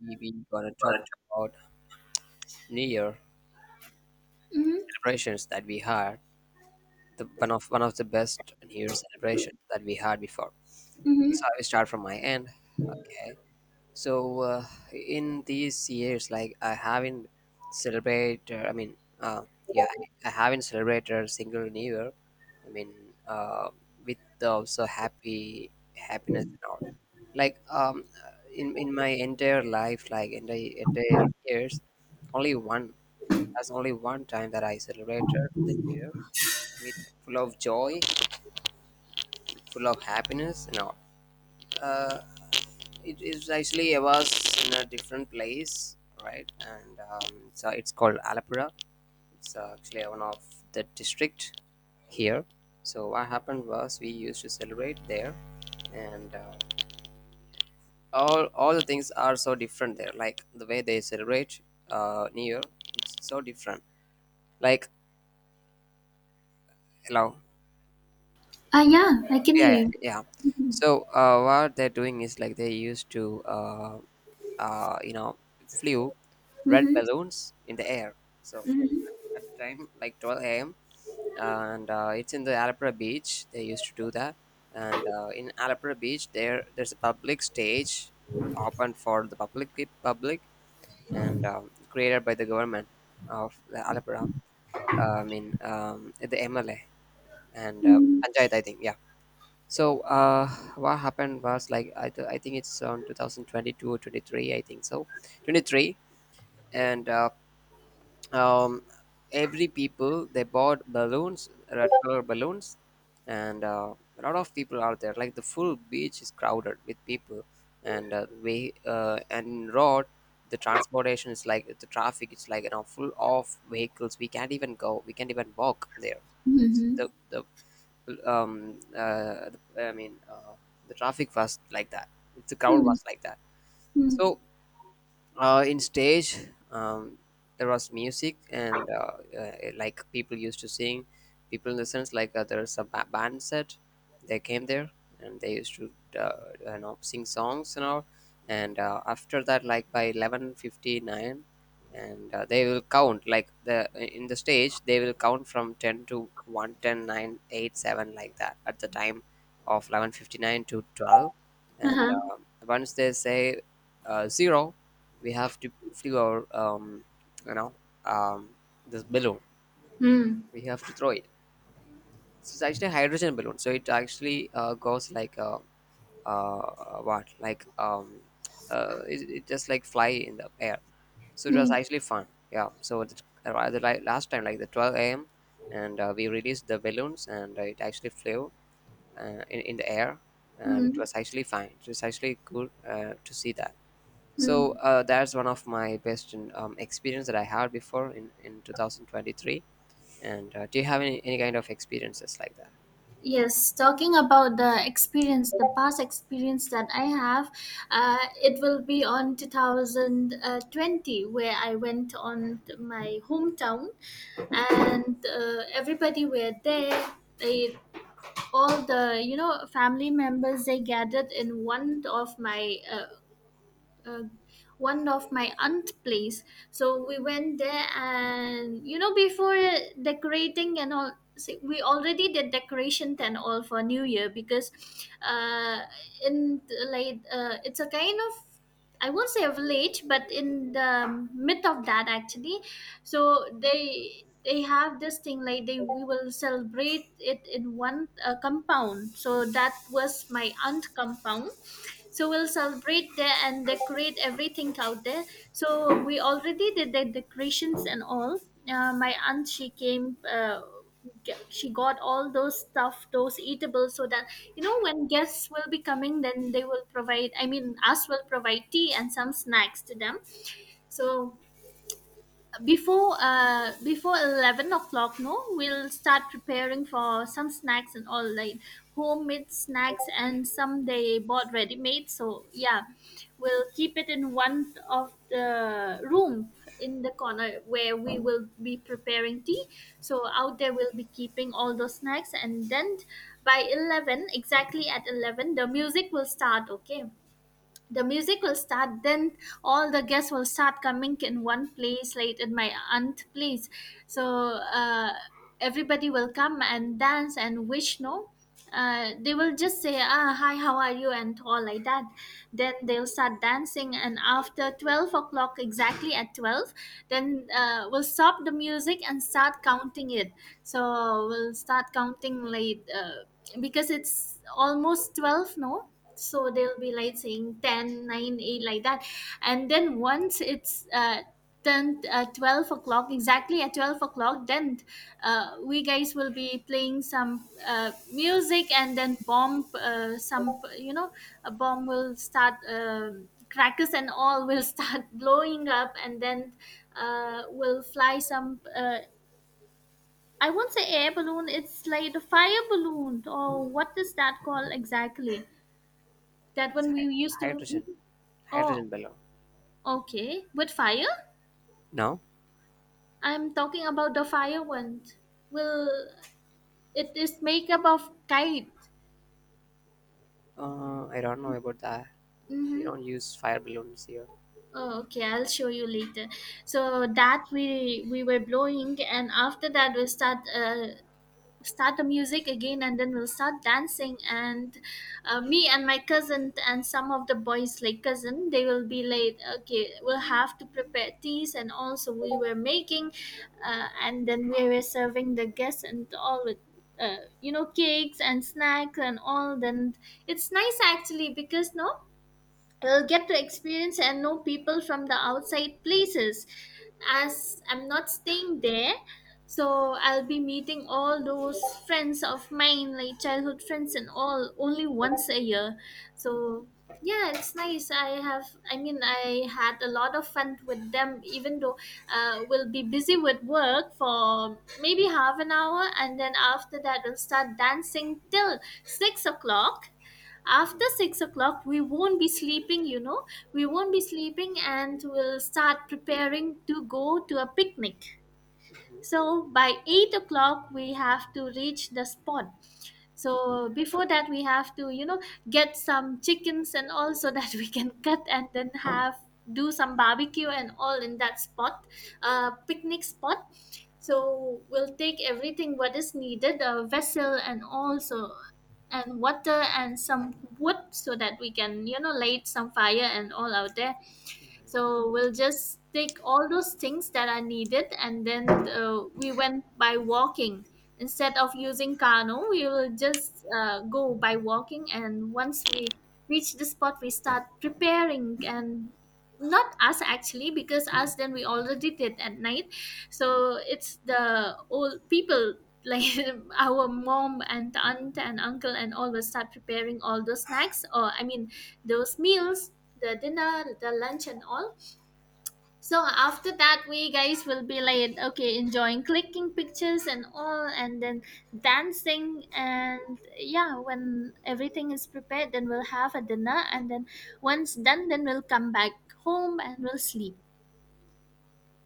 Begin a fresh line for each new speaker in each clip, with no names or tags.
We gonna talk
Correct.
about New Year
Mm-hmm.
celebrations that we had. The one of the best New Year celebration that we had before. So
Mm-hmm.
I will start from my end. Okay. So in these years, like I haven't celebrated. Yeah, I haven't celebrated a single New Year. I mean, uh, with also happy happiness and all. Like in my entire life, like entire years, only one that's only one time that I celebrated the year with full of joy, full of happiness. No, uh, it is actually I was in a different place, right? And so it's called Alapura. It's actually one of the district here. So what happened was we used to celebrate there, and all the things are so different there. Like the way they celebrate New Year, it's so different. Like hello,
Ah, yeah, I can
yeah yeah
hear you.
yeah. So what they're doing is like they used to uh, you know flew red
Mm-hmm.
balloons in the air, so
Mm-hmm.
at the time like 12 a.m., and it's in the alapra beach they used to do that. And in alapra beach, there's a public stage open for the public, and created by the government of the alapra. The mla and panchayat, I think. Yeah. So what happened was like I think it's on 2022 or 23, I think. So 23. And um, every people they bought balloons, red color balloons. And a lot of people are there, like the full beach is crowded with people. And we and road, the transportation is like the traffic is like, you know, full of vehicles. We can't even go, we can't even walk there. It's
Mm-hmm.
the um uh, I mean The traffic was like that. It's the crowd
Hmm.
was like that.
Hmm.
So in stage, um, there was music. And like people used to sing. People in the sense, like there's a band set, they came there and they used to sing songs and all. And after that, like by 11:59. And they will count like the, in the stage they will count from 10 to 1, 10, 9, 8, 7 like that, at the time of 11:59 to 12. And
Uh-huh.
once they say zero, we have to flew our you know um, this balloon,
Hmm.
we have to throw it. So it's actually a hydrogen balloon, so it actually goes like what like it, it just like fly in the air. So it was
Hmm.
actually fun. Yeah, so the last time, like the 12 a.m., and we released the balloons and it actually flew in the air. And it
Hmm.
was actually fine, it was actually cool to see that. So
Hmm.
that's one of my best experience that I had before in 2023. And do you have any kind of experiences like that?
Yes, talking about the experience, the past experience that I have, it will be on 2020, where I went on to my hometown, and everybody were there. They, all the family members, they gathered in one of my uh, aunt place. So we went there, and you know, before decorating and all, see, we already did decorations and all for new year, because uh in the, like, it's a kind of, I won't say a village, but in the myth of that actually. So they have this thing, like they, we will celebrate it in one compound. So that was my aunt compound, so we'll celebrate there and decorate everything out there. So we already did the decorations and all. My aunt, she came, she got all those stuff, those eatables, so that you know, when guests will be coming, then they will provide, I mean, us will provide tea and some snacks to them. So before 11 o'clock, no, we'll start preparing for some snacks and all, like homemade snacks, and some they bought ready made. So yeah, we'll keep it in one of the room, in the corner where we will be preparing tea. So out there we'll be keeping all those snacks, and then by 11, exactly at 11, the music will start. Okay, the music will start, then all the guests will start coming in one place, like in my aunt place. So uh, everybody will come and dance and wish, no, they will just say, ah, hi, how are you, and all like that. Then they'll start dancing, and after 12 o'clock, exactly at 12, then we'll stop the music and start counting it. So we'll start counting, like, because it's almost 12, no. So they'll be like saying 10, nine, 8, like that. And then once it's 10, 12 o'clock, exactly at 12 o'clock, then we guys will be playing some music, and then bomb, some, you know, a bomb will start, crackers and all will start blowing up. And then will fly some, I won't say air balloon, it's like a fire balloon, or what is that called exactly, that
It's
one we used to.
hydrogen,
Oh,
hydrogen balloon.
okay. With fire?
No,
I'm talking about the fire one. Well, it is make up of kite.
I don't know about that. We
Mm-hmm.
don't use fire balloons here.
Oh, okay, I'll show you later. So that we were blowing, and after that we start the music again, and then we'll start dancing. And me and my cousin and some of the boys, like cousin, they will be like, okay, we'll have to prepare teas. And also we were making, and then we were serving the guests and all with, you know, cakes and snacks and all. Then it's nice actually, because no, I will get to experience and know people from the outside places, as I'm not staying there. So I'll be meeting all those friends of mine, like childhood friends and all, only once a year. So yeah, it's nice. I have, I mean, I had a lot of fun with them, even though we'll be busy with work for maybe half an hour. And then after that we'll start dancing till 6 o'clock. After
Mm.
6 o'clock, we won't be sleeping, we won't be sleeping, and we'll start preparing to go to a picnic. So by 8 o'clock, we have to reach the spot. So before that, we have to, get some chickens and all, so that we can cut and then have, do some barbecue and all in that spot, picnic spot. So we'll take everything what is needed, a vessel, and also, and water and some wood so that we can, light some fire and all out there. So we'll just take all those things that are needed. And then we went by walking instead of using Kano. We will just go by walking, and once we reach the spot, we start preparing. And not us actually, because us, then, we already did at night. So it's the old people, like, our mom and aunt and uncle and all will start preparing all those snacks, or I mean, those meals, the dinner, the lunch and all. So after that, we guys will be like, okay, enjoying, clicking pictures and all, and then dancing. And yeah, when everything is prepared, then we'll have a dinner, and then once done, then we'll come back home, and we'll sleep.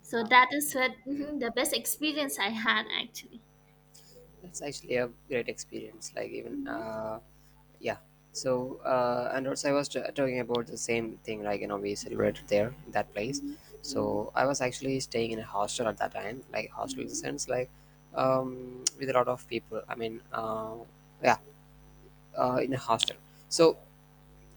So
Wow,
that is
that's
what
actually— mm,
the best experience I had actually.
that's actually a great experience. Like even yeah. So, and also I was talking about the same thing, like, you know, we celebrated there, in that place.
Hmm.
So I was actually staying in a hostel at that time, like hostel in the sense, like, with a lot of people. Yeah, in a hostel. So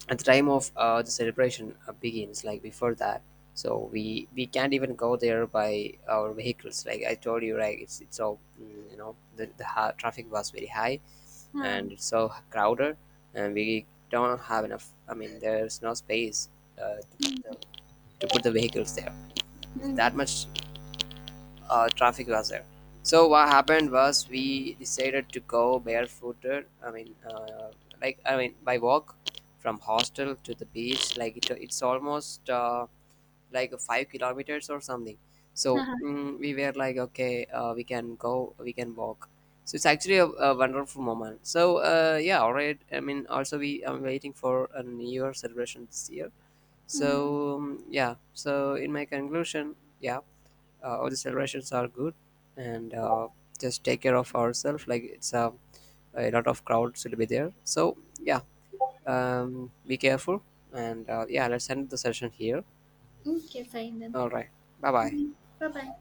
at the time of the celebration begins, like before that, so we can't even go there by our vehicles. Like I told you, right? It's so mm, you know, the traffic was very high and
Mm.
it's so crowded. And we don't have enough, I mean there's no space put to put the vehicles there. It's
Mm.
that much traffic was there. So what happened was we decided to go barefooted, by walk, from hostel to the beach. Like it's almost like 5 kilometers or something. So
Uh-huh.
mm, we were like, okay, we can go, we can walk. So it's actually a wonderful moment. So yeah, all right, I mean also we I'm waiting for a new year celebration this year.
Mhm.
So yeah, so in my conclusion, yeah, all the celebrations are good. And just take care of ourselves. A lot of crowds will be there, so yeah, be careful. And yeah, let's end the session here.
Okay, fine then.
All right, bye bye.
Bye bye.